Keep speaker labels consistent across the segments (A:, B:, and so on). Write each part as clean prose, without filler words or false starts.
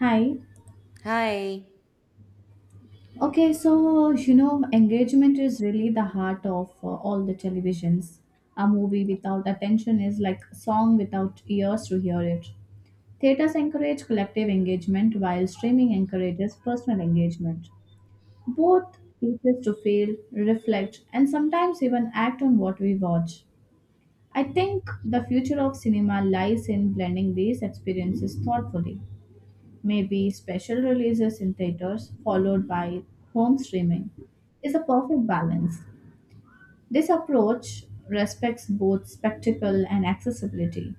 A: Hi.
B: Hi,
A: Engagement is really the heart of all the televisions. A movie without attention is like a song without ears to hear it. Theaters encourage collective engagement while streaming encourages personal engagement. Both teach us to feel, reflect, and sometimes even act on what we watch. I think the future of cinema lies in blending these experiences thoughtfully. Maybe special releases in theaters followed by home streaming, is a perfect balance. This approach respects both spectacle and accessibility.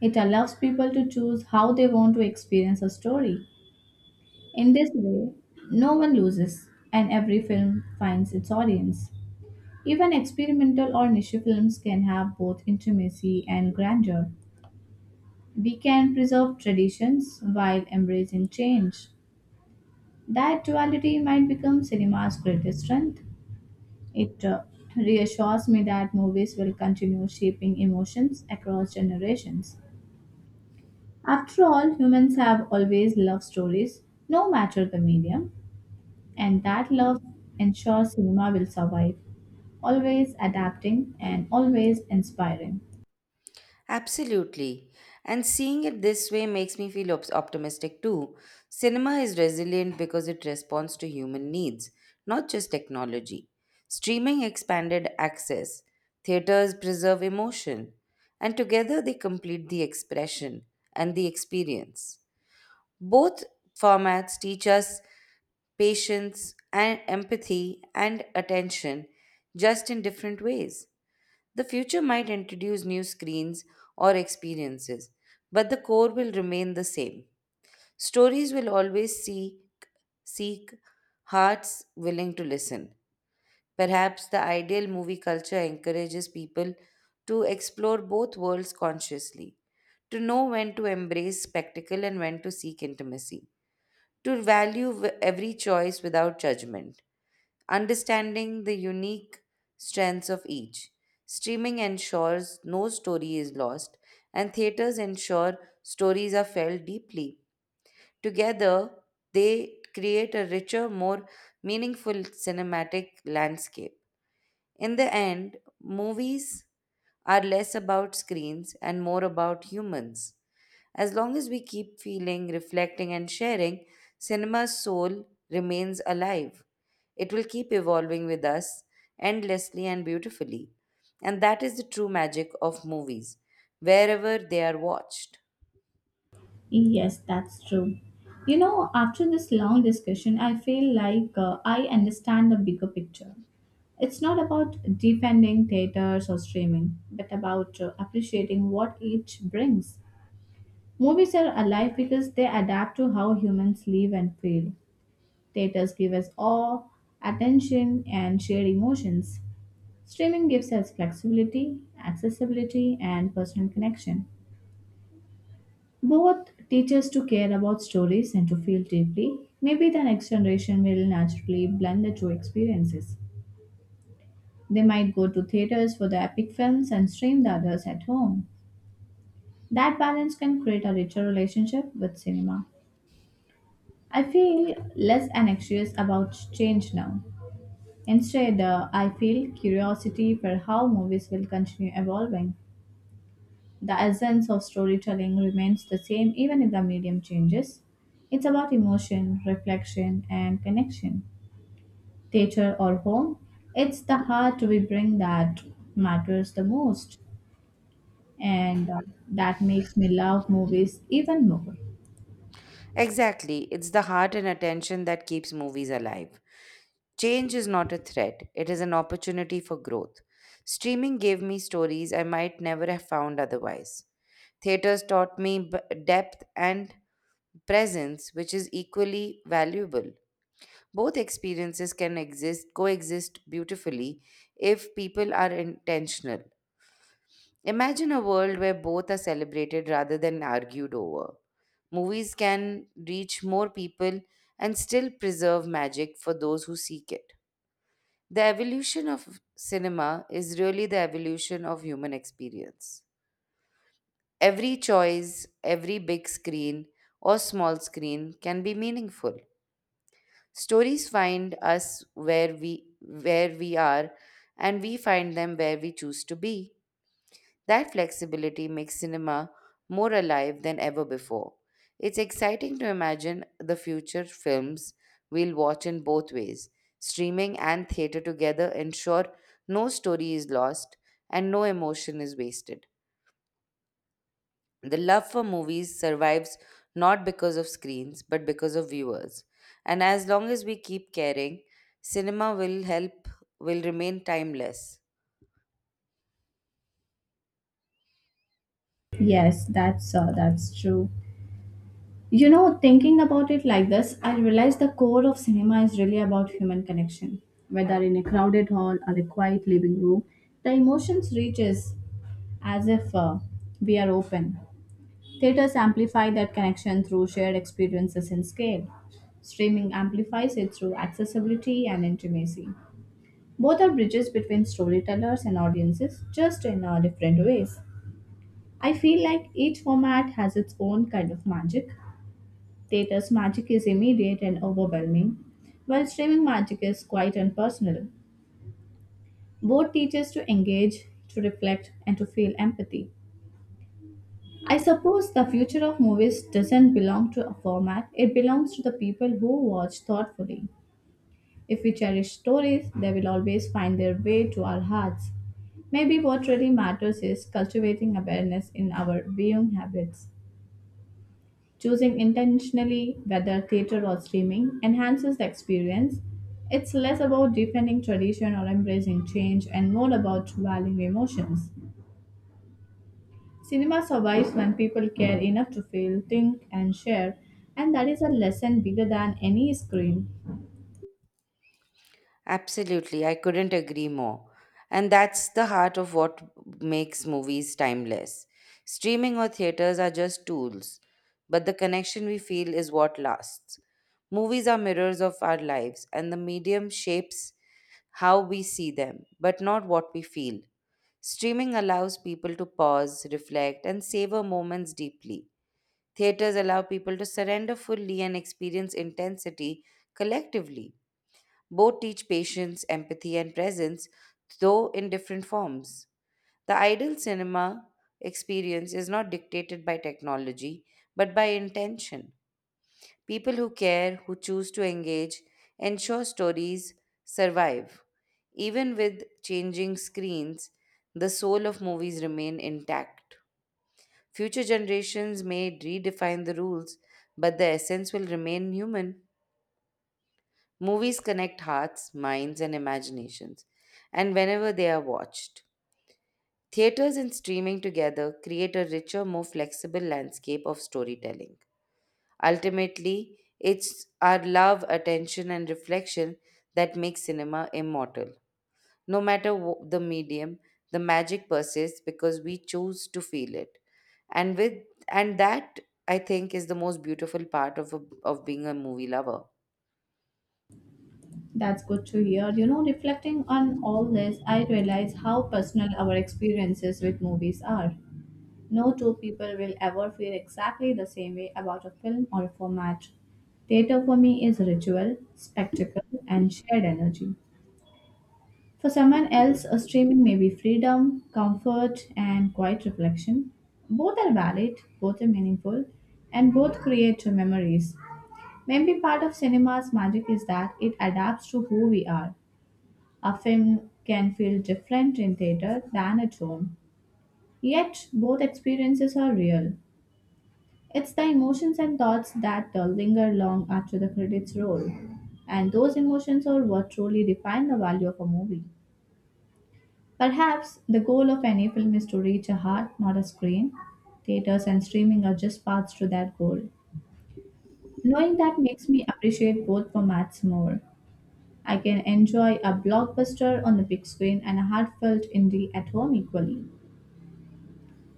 A: It allows people to choose how they want to experience a story. In this way, no one loses, and every film finds its audience. Even experimental or niche films can have both intimacy and grandeur. We can preserve traditions while embracing change. That duality might become cinema's greatest strength. It reassures me that movies will continue shaping emotions across generations. After all, humans have always loved stories, no matter the medium, and that love ensures cinema will survive, always adapting and always inspiring.
B: absolutely. And seeing it this way makes me feel optimistic too. Cinema is resilient because it responds to human needs, not just technology. Streaming expanded access, theaters preserve emotion, and together they complete the expression and the experience. Both formats teach us patience and empathy and attention just in different ways. The future might introduce new screens or experiences, but the core will remain the same. Stories will always seek hearts willing to listen. Perhaps the ideal movie culture encourages people to explore both worlds consciously, to know when to embrace spectacle and when to seek intimacy, to value every choice without judgment understanding the unique strengths of each. Streaming ensures no story is lost, and theaters ensure stories are felt deeply. Together, they create a richer, more meaningful cinematic landscape. In the end, movies are less about screens and more about humans. As long as we keep feeling, reflecting, and sharing, cinema's soul remains alive. It will keep evolving with us endlessly and beautifully. And that is the true magic of movies, wherever they are watched.
A: Yes, that's true. You know, after this long discussion, I feel like I understand the bigger picture. It's not about defending theaters or streaming, but about appreciating what each brings. Movies are alive because they adapt to how humans live and feel. Theaters give us awe, attention, and shared emotions. Streaming gives us flexibility, accessibility, and personal connection. Both teach us to care about stories and to feel deeply. Maybe the next generation will naturally blend the two experiences. They might go to theaters for the epic films and stream the others at home. That balance can create a richer relationship with cinema. I feel less anxious about change now. Instead, I feel curiosity for how movies will continue evolving. The essence of storytelling remains the same even if the medium changes. It's about emotion, reflection, and connection. Theater or home, it's the heart we bring that matters the most. And that makes me love movies even more.
B: Exactly, it's the heart and attention that keeps movies alive. Change is not a threat, it is an opportunity for growth. Streaming gave me stories I might never have found otherwise. Theaters taught me depth and presence, which is equally valuable. Both experiences can exist, coexist beautifully if people are intentional. Imagine a world where both are celebrated rather than argued over. Movies can reach more people and still preserve magic for those who seek it. The evolution of cinema is really the evolution of human experience. Every choice, every big screen or small screen can be meaningful. Stories find us where we are and we find them where we choose to be. That flexibility makes cinema more alive than ever before. It's exciting to imagine the future films we'll watch in both ways. Streaming and theater together ensure no story is lost and no emotion is wasted. The love for movies survives not because of screens but because of viewers. And as long as we keep caring, cinema will help, will remain timeless.
A: Yes, that's true. You know, thinking about it like this, I realize the core of cinema is really about human connection. Whether in a crowded hall or a quiet living room, the emotions reaches as if we are open. Theaters amplify that connection through shared experiences and scale. Streaming amplifies it through accessibility and intimacy. Both are bridges between storytellers and audiences, just in different ways. I feel like each format has its own kind of magic. Theatre's magic is immediate and overwhelming, while streaming magic is quite impersonal. Both teach us to engage, to reflect, and to feel empathy. I suppose the future of movies doesn't belong to a format, it belongs to the people who watch thoughtfully. If we cherish stories, they will always find their way to our hearts. Maybe what really matters is cultivating awareness in our viewing habits. Choosing intentionally whether theater or streaming enhances the experience. It's less about defending tradition or embracing change and more about valuing emotions. Cinema survives when people care enough to feel, think, and share, and that is a lesson bigger than any screen.
B: Absolutely, I couldn't agree more. And that's the heart of what makes movies timeless. Streaming or theaters are just tools, but the connection we feel is what lasts. Movies are mirrors of our lives, and the medium shapes how we see them, but not what we feel. Streaming allows people to pause, reflect, and savor moments deeply. Theaters allow people to surrender fully and experience intensity collectively. Both teach patience, empathy, and presence, though in different forms. The ideal cinema experience is not dictated by technology, but by intention. People who care, who choose to engage, ensure stories survive. Even with changing screens, the soul of movies remain intact. Future generations may redefine the rules, but the essence will remain human. Movies connect hearts, minds, and imaginations, and whenever they are watched. Theaters and streaming together create a richer, more flexible landscape of storytelling. Ultimately, it's our love, attention, and reflection that makes cinema immortal. No matter the medium, the magic persists because we choose to feel it. And with and that I think is the most beautiful part of of being a movie lover.
A: That's good to hear. You know, reflecting on all this, I realize how personal our experiences with movies are. No two people will ever feel exactly the same way about a film or a format. Theater for me is ritual, spectacle, and shared energy. For someone else, a streaming may be freedom, comfort, and quiet reflection. Both are valid, both are meaningful, and both create memories. Maybe part of cinema's magic is that it adapts to who we are. A film can feel different in theater than at home, yet both experiences are real. It's the emotions and thoughts that linger long after the credits roll, and those emotions are what truly define the value of a movie. Perhaps the goal of any film is to reach a heart, not a screen. Theaters and streaming are just paths to that goal. Knowing that makes me appreciate both formats more. I can enjoy a blockbuster on the big screen and a heartfelt indie at home equally.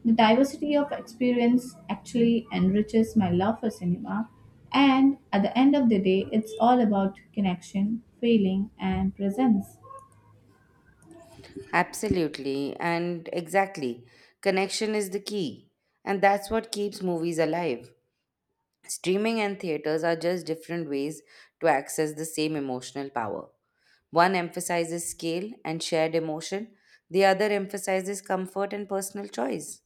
A: The diversity of experience actually enriches my love for cinema, and at the end of the day, it's all about connection, feeling, and presence.
B: Absolutely, and exactly. Connection is the key, and that's what keeps movies alive. Streaming and theaters are just different ways to access the same emotional power. One emphasizes scale and shared emotion, the other emphasizes comfort and personal choice.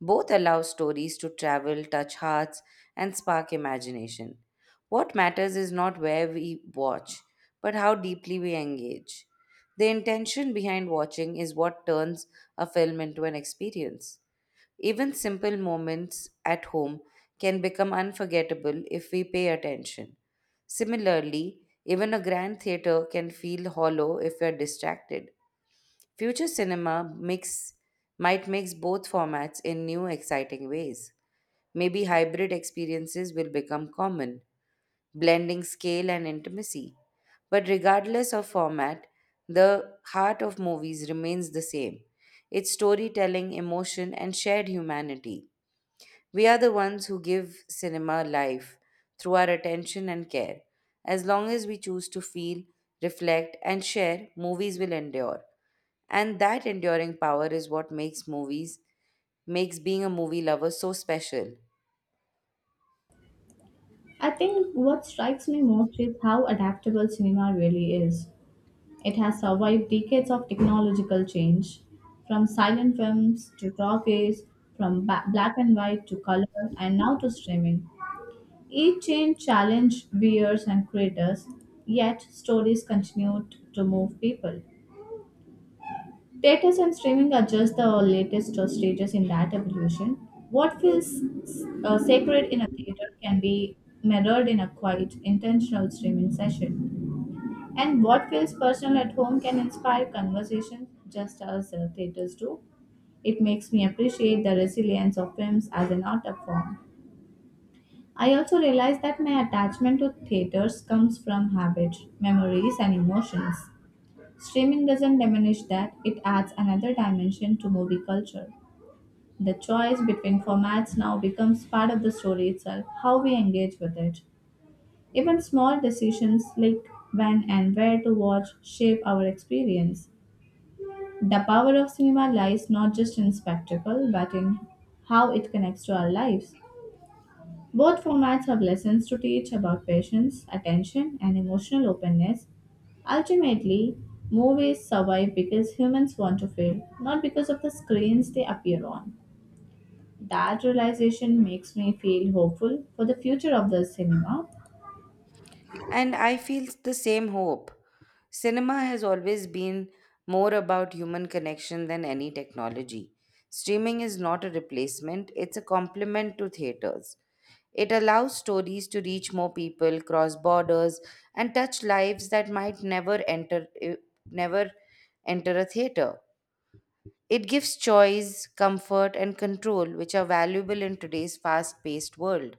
B: Both allow stories to travel, touch hearts, and spark imagination. What matters is not where we watch, but how deeply we engage. The intention behind watching is what turns a film into an experience. Even simple moments at home can become unforgettable if we pay attention. Similarly, even a grand theater can feel hollow if we are distracted. Future cinema mix might mix both formats in new exciting ways. Maybe hybrid experiences will become common, blending scale and intimacy. But regardless of format, the heart of movies remains the same. It's storytelling, emotion, and shared humanity. We are the ones who give cinema life through our attention and care. As long as we choose to feel, reflect, and share, movies will endure. And that enduring power is what makes being a movie lover so special.
A: I think what strikes me most is how adaptable cinema really is. It has survived decades of technological change, from silent films to talkies, from black and white to color, and now to streaming. Each change challenged viewers and creators, yet stories continued to move people. Theaters and streaming are just the latest stages in that evolution. What feels sacred in a theater can be mirrored in a quiet, intentional streaming session. And what feels personal at home can inspire conversations just as theaters do. It makes me appreciate the resilience of films as an art form. I also realize that my attachment to theaters comes from habit, memories, and emotions. Streaming doesn't diminish that, it adds another dimension to movie culture. The choice between formats now becomes part of the story itself, how we engage with it. Even small decisions like when and where to watch shape our experience. The power of cinema lies not just in spectacle, but in how it connects to our lives. Both formats have lessons to teach about patience, attention, and emotional openness. Ultimately, movies survive because humans want to feel, not because of the screens they appear on. That realization makes me feel hopeful for the future of the cinema.
B: And I feel the same hope. Cinema has always been more about human connection than any technology. Streaming is not a replacement, it's a complement to theaters. It allows stories to reach more people, cross borders, and touch lives that might never enter a theater. It gives choice, comfort, and control, which are valuable in today's fast-paced world.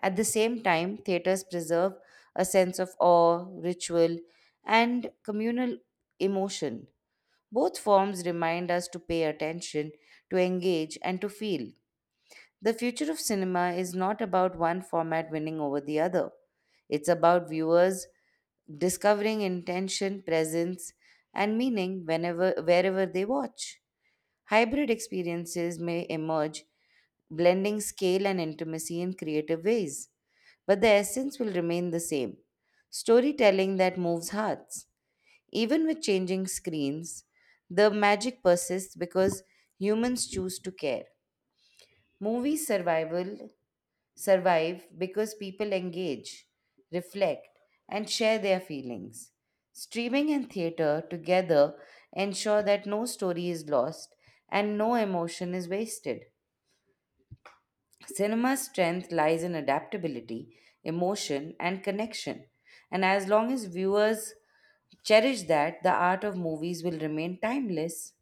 B: At the same time, theaters preserve a sense of awe, ritual, and communal emotion. Both forms remind us to pay attention, to engage, and to feel. The future of cinema is not about one format winning over the other. It's about viewers discovering intention, presence, and meaning whenever wherever they watch. Hybrid experiences may emerge blending scale and intimacy in creative ways. But the essence will remain the same storytelling that moves hearts. Even with changing screens, the magic persists because humans choose to care. Movies survival survive because people engage, reflect, and share their feelings. Streaming and theater together ensure that no story is lost and no emotion is wasted. Cinema's strength lies in adaptability, emotion, and connection. And as long as viewers cherish that, the art of movies will remain timeless.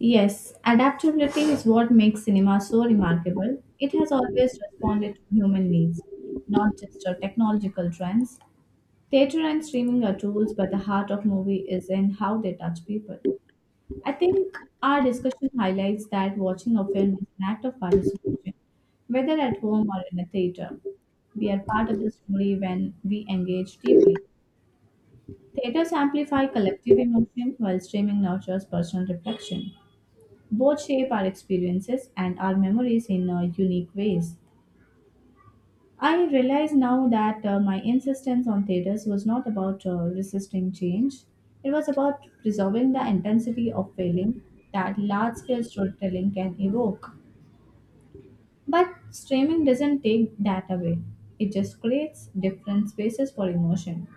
A: Yes, adaptability is what makes cinema so remarkable. It has always responded to human needs, not just to technological trends. Theatre and streaming are tools, but the heart of movie is in how they touch people. I think our discussion highlights that watching a film is an act of participation, whether at home or in a theatre. We are part of the story when we engage deeply. Theatres amplify collective emotion, while streaming nurtures personal reflection. Both shape our experiences and our memories in unique ways. I realize now that my insistence on theaters was not about resisting change, it was about preserving the intensity of feeling that large scale storytelling can evoke. But streaming doesn't take that away, it just creates different spaces for emotion.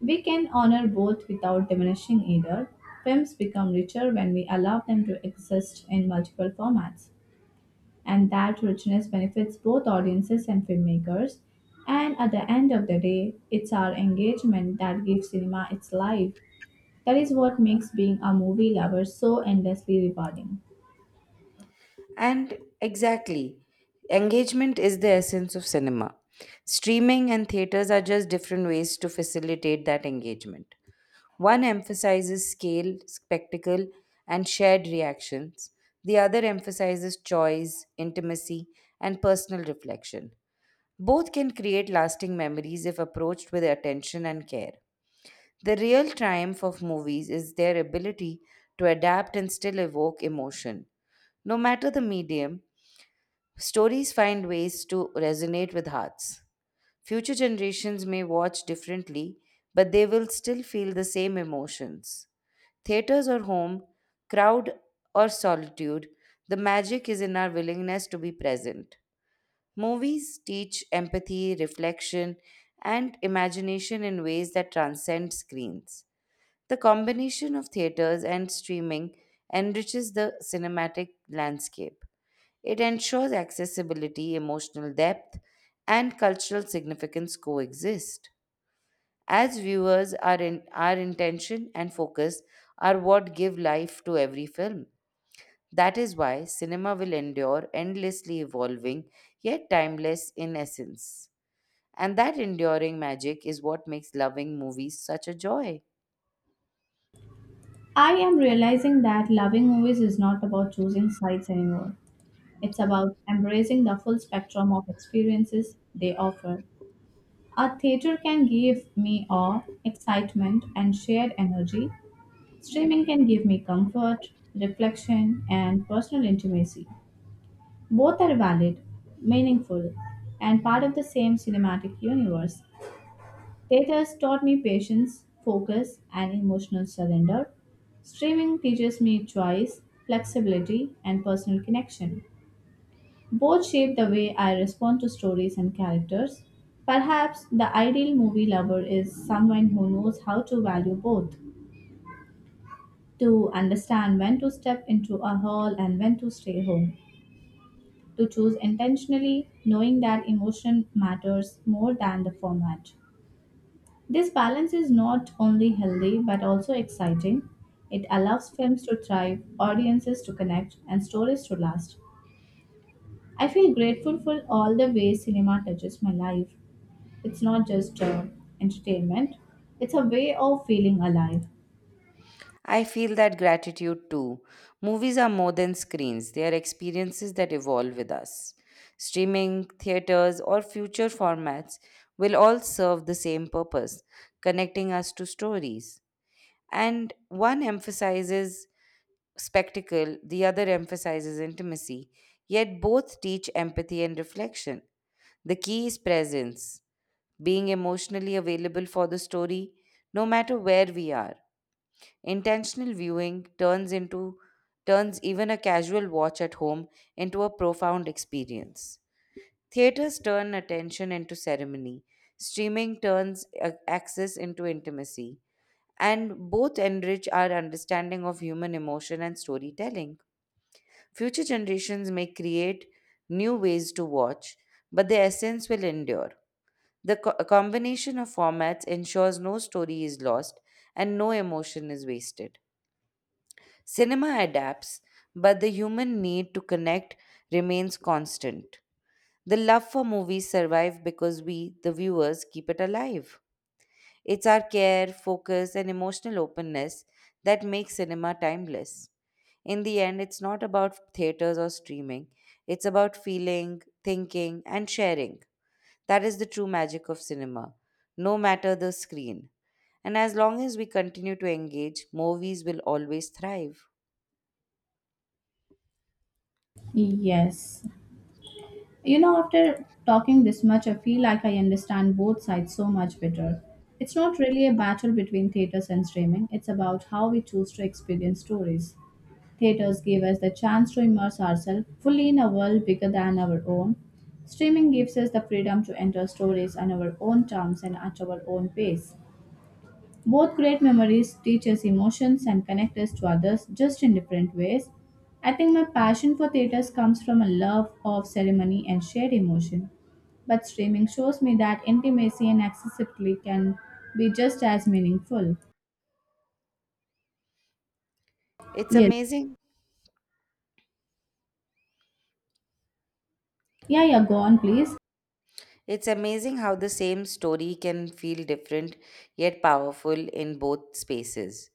A: We can honor both without diminishing either. Films become richer when we allow them to exist in multiple formats, and that richness benefits both audiences and filmmakers. And at the end of the day, it's our engagement that gives cinema its life. That is what makes being a movie lover so endlessly rewarding.
B: And exactly, engagement is the essence of cinema. Streaming and theaters are just different ways to facilitate that engagement. One emphasizes scale, spectacle, and shared reactions, the other emphasizes choice, intimacy, and personal reflection. Both can create lasting memories if approached with attention and care. The real triumph of movies is their ability to adapt and still evoke emotion. No matter the medium, stories find ways to resonate with hearts. Future generations may watch differently, but they will still feel the same emotions. Theaters or home, crowd or solitude, the magic is in our willingness to be present. Movies teach empathy, reflection, and imagination in ways that transcend screens. The combination of theaters and streaming enriches the cinematic landscape. It ensures accessibility, emotional depth, and cultural significance coexist. As viewers, our intention and focus are what give life to every film. That is why cinema will endure, endlessly evolving, yet timeless in essence. And that enduring magic is what makes loving movies such a joy.
A: I am realizing that loving movies is not about choosing sides anymore. It's about embracing the full spectrum of experiences they offer. A theater can give me awe, excitement, and shared energy. Streaming can give me comfort, reflection, and personal intimacy. Both are valid, meaningful, and part of the same cinematic universe. Theaters taught me patience, focus, and emotional surrender. Streaming teaches me choice, flexibility, and personal connection. Both shape the way I respond to stories and characters. Perhaps the ideal movie lover is someone who knows how to value both, to understand when to step into a hall and when to stay home, to choose intentionally, knowing that emotion matters more than the format. This balance is not only healthy but also exciting. It allows films to thrive, audiences to connect, and stories to last. I feel grateful for all the ways cinema touches my life. It's not just entertainment, it's a way of feeling alive.
B: I feel that gratitude too. Movies are more than screens, they are experiences that evolve with us. Streaming, theaters, or future formats will all serve the same purpose connecting us to stories. And one emphasizes spectacle, the other emphasizes intimacy, yet both teach empathy and reflection. The key is presence. Being emotionally available for the story, no matter where we are. Intentional viewing turns into turns even a casual watch at home into a profound experience. Theaters turn attention into ceremony. Streaming turns access into intimacy. And both enrich our understanding of human emotion and storytelling. Future generations may create new ways to watch, but the essence will endure. The combination of formats ensures no story is lost and no emotion is wasted. Cinema adapts, but the human need to connect remains constant. The love for movies survive because we, the viewers, keep it alive. It's our care, focus, and emotional openness that makes cinema timeless. In the end, it's not about theaters or streaming, it's about feeling, thinking, and sharing. That is the true magic of cinema, no matter the screen. And as long as we continue to engage, movies will always thrive.
A: Yes. You know, after talking this much, I feel like I understand both sides so much better. It's not really a battle between theaters and streaming, it's about how we choose to experience stories. Theaters give us the chance to immerse ourselves fully in a world bigger than our own. Streaming gives us the freedom to enter stories on our own terms and at our own pace. Both great memories teach us emotions and connect us to others just in different ways. I think my passion for theatres comes from a love of ceremony and shared emotion. But streaming shows me that intimacy and accessibility can be just as meaningful.
B: It's
A: Yes.
B: amazing.
A: Yeah, yeah, go on, please.
B: It's amazing how the same story can feel different yet powerful in both spaces.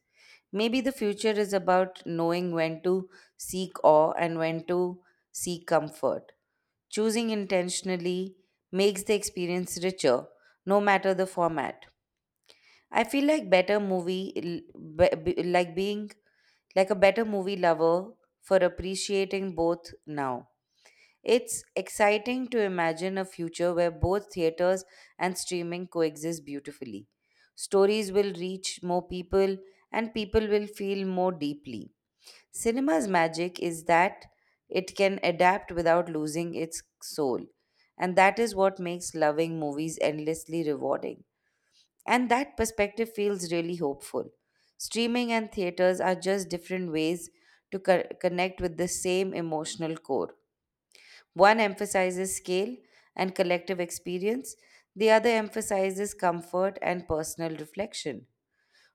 B: Maybe the future is about knowing when to seek awe and when to seek comfort. Choosing intentionally makes the experience richer, no matter the format. I feel like better movie, l- be- like being like a better movie lover for appreciating both now. It's exciting to imagine a future where both theaters and streaming coexist beautifully. Stories will reach more people and people will feel more deeply. Cinema's magic is that it can adapt without losing its soul, and that is what makes loving movies endlessly rewarding. And that perspective feels really hopeful. Streaming and theaters are just different ways to connect with the same emotional core. One emphasizes scale and collective experience, the other emphasizes comfort and personal reflection.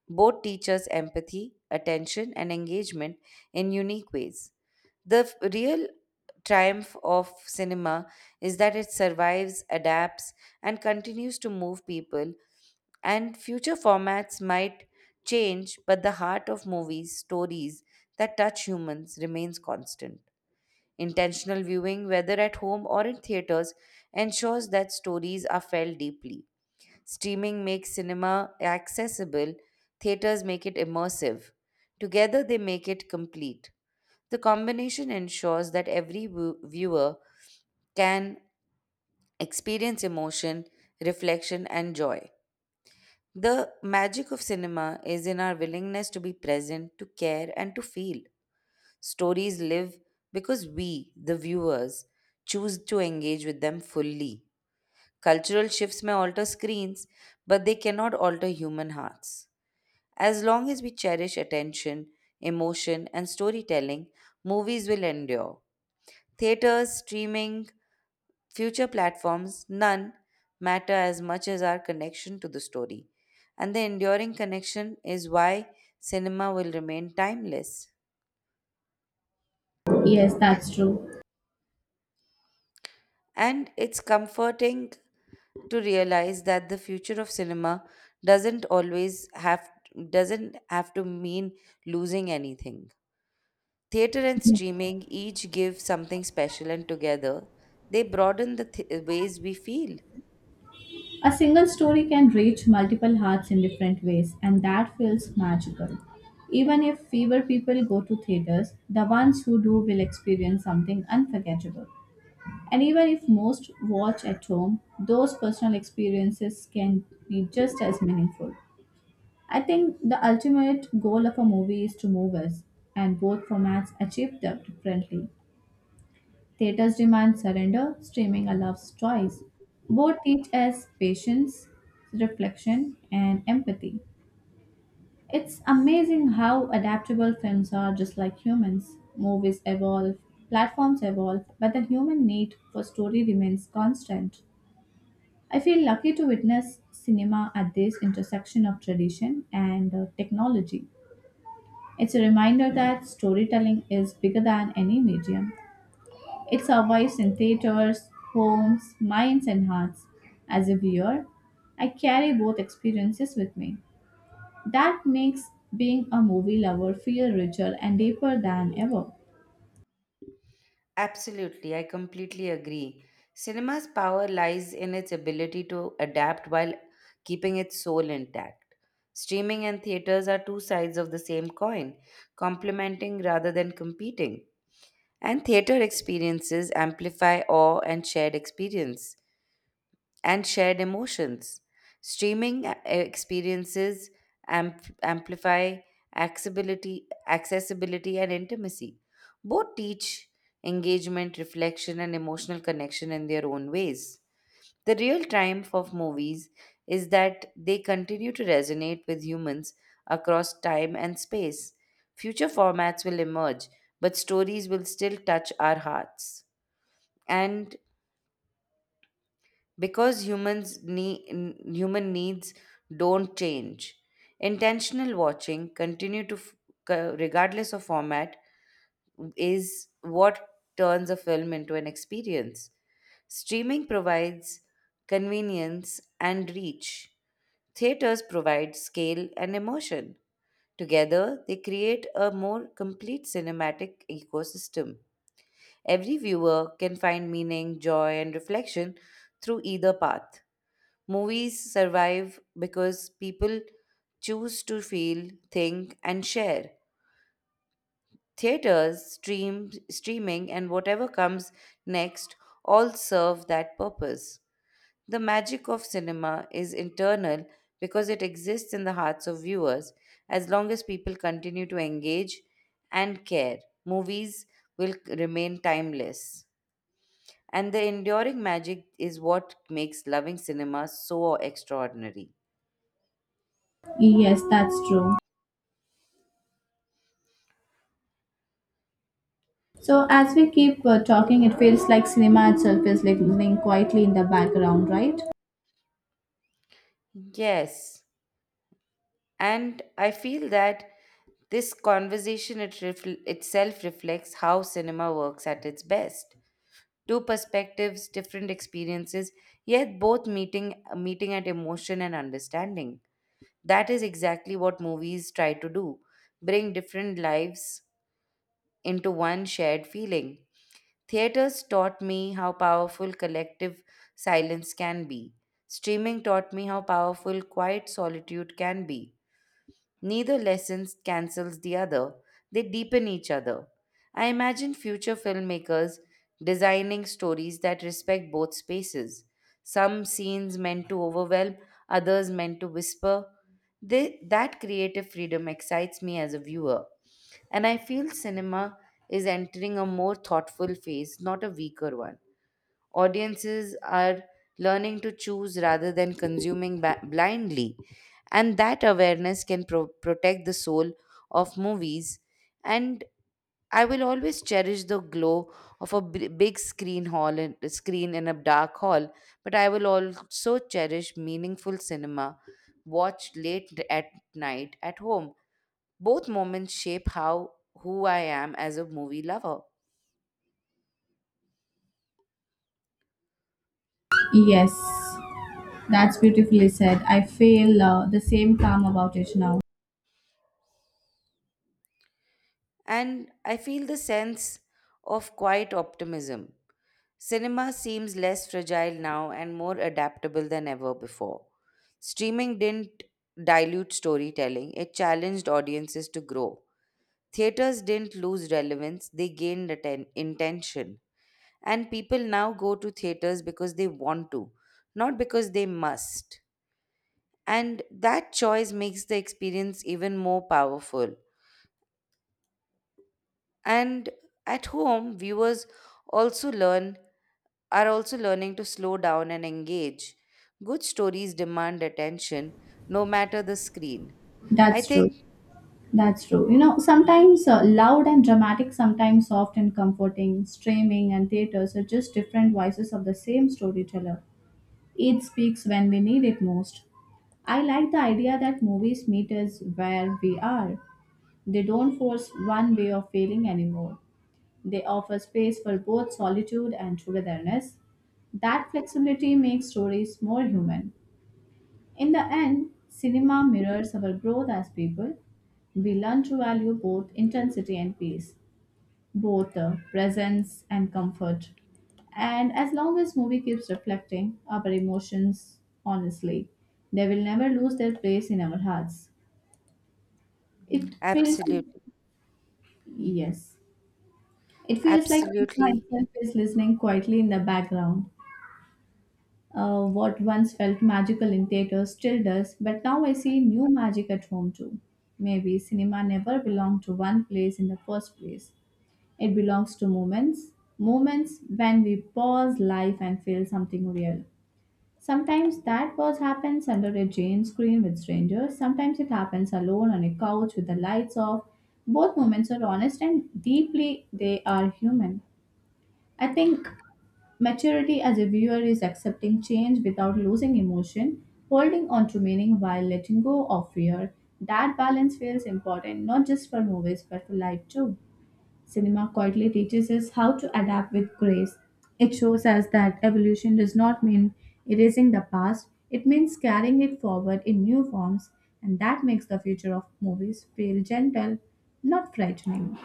B: Both teach us empathy, attention, and engagement in unique ways. The real triumph of cinema is that it survives, adapts, and continues to move people and future formats might change, but the heart of movies, stories that touch humans, remains constant. Intentional viewing, whether at home or in theaters, ensures that stories are felt deeply. Streaming makes cinema accessible, theaters make it immersive. Together, they make it complete. The combination ensures that every viewer can experience emotion, reflection, and joy. The magic of cinema is in our willingness to be present, to care, and to feel. Stories live because we, the viewers, choose to engage with them fully. Cultural shifts may alter screens, but they cannot alter human hearts. As long as we cherish attention, emotion, and storytelling, movies will endure. Theaters, streaming, future platforms, none matter as much as our connection to the story. And the enduring connection is why cinema will remain timeless.
A: Yes, that's true.
B: And it's comforting to realize that the future of cinema doesn't always have doesn't have to mean losing anything. Theater and
A: Yeah.
B: streaming each give something special, and together they broaden the ways we feel.
A: A single story can reach multiple hearts in different ways, and that feels magical. Even if fewer people go to theaters, the ones who do will experience something unforgettable. And even if most watch at home, those personal experiences can be just as meaningful. I think the ultimate goal of a movie is to move us, and both formats achieve that differently. Theaters demand surrender, streaming allows choice. Both teach us patience, reflection, and empathy. It's amazing how adaptable films are just like humans. Movies evolve, platforms evolve, but the human need for story remains constant. I feel lucky to witness cinema at this intersection of tradition and technology. It's a reminder that storytelling is bigger than any medium. It survives in theaters, homes, minds, and hearts. As a viewer, I carry both experiences with me. That makes being a movie lover feel richer and deeper than ever.
B: Absolutely, I completely agree. Cinema's power lies in its ability to adapt while keeping its soul intact. Streaming and theaters are two sides of the same coin, complementing rather than competing. And theater experiences amplify awe and shared experience, and shared emotions. Streaming experiences amplify accessibility and intimacy. Both teach engagement, reflection, and emotional connection in their own ways. The real triumph of movies is that they continue to resonate with humans across time and space. Future formats will emerge, but stories will still touch our hearts. And because human needs don't change, intentional watching continue to regardless of format is what turns a film into an experience. Streaming provides convenience and reach, theaters provide scale and emotion. Together they create a more complete cinematic ecosystem. Every viewer can find meaning, joy, and reflection through either path. Movies survive because people choose to feel, think, and share. Theaters, streaming, and whatever comes next all serve that purpose. The magic of cinema is internal because it exists in the hearts of viewers. As long as people continue to engage and care, movies will remain timeless. And the enduring magic is what makes loving cinema so extraordinary.
A: Yes, that's true. So, as we keep talking, it feels like cinema itself is like living quietly in the background, right?
B: Yes, and I feel that this conversation itself reflects how cinema works at its best. Two perspectives, different experiences, yet both meeting at emotion and understanding. That is exactly what movies try to do, bring different lives into one shared feeling. Theaters taught me how powerful collective silence can be. Streaming taught me how powerful quiet solitude can be. Neither lesson cancels the other, they deepen each other. I imagine future filmmakers designing stories that respect both spaces. Some scenes meant to overwhelm, others meant to whisper. That creative freedom excites me as a viewer. And I feel cinema is entering a more thoughtful phase, not a weaker one. Audiences are learning to choose rather than consuming blindly, and that awareness can protect the soul of movies. And I will always cherish the glow of a b- big screen hall and screen in a dark hall, but I will also cherish meaningful cinema watched late at night at home. Both moments shape how who I am as a movie lover.
A: Yes, that's beautifully said. I feel the same calm about it now.
B: And I feel the sense of quiet optimism. Cinema seems less fragile now and more adaptable than ever before. Streaming didn't dilute storytelling, it challenged audiences to grow. Theaters didn't lose relevance, they gained intention. And people now go to theaters because they want to, not because they must. And that choice makes the experience even more powerful. And at home, viewers also learn are also learning to slow down and engage. Good stories demand attention, no matter the screen. I
A: That's true.
B: think
A: That's true. You know, sometimes loud and dramatic, sometimes soft and comforting. Streaming and theaters are just different voices of the same storyteller. It speaks when we need it most. I like the idea that movies meet us where we are. They don't force one way of feeling anymore. They offer space for both solitude and togetherness. That flexibility makes stories more human. In the end, cinema mirrors our growth as people. We learn to value both intensity and pace, both presence and comfort. And as long as movie keeps reflecting our emotions honestly, they will never lose their place in our hearts. It feels
B: Absolutely,
A: yes. It feels like cinema
B: absolutely,
A: itself is listening quietly in the background. What once felt magical in theaters still does, but now I see new magic at home too. Maybe cinema never belonged to one place in the first place. It belongs to moments, moments when we pause life and feel something real. Sometimes that pause happens under a Jane screen with strangers, sometimes it happens alone on a couch with the lights off. Both moments are honest and deeply they are human. I think Maturity as a viewer is accepting change without losing emotion, holding on to meaning while letting go of fear. That balance feels important not just for movies but for life too. Cinema quietly teaches us how to adapt with grace. It shows us that evolution does not mean erasing the past, it means carrying it forward in new forms, and that makes the future of movies feel gentle, not frightening.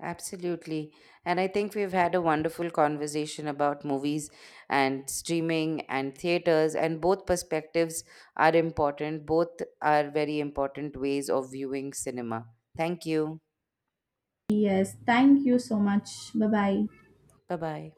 B: absolutely. And I think we've had a wonderful conversation about movies and streaming and theaters, and both perspectives are important. Both are very important ways of viewing cinema. Thank you.
A: Yes, thank you so much. Bye bye.
B: Bye bye.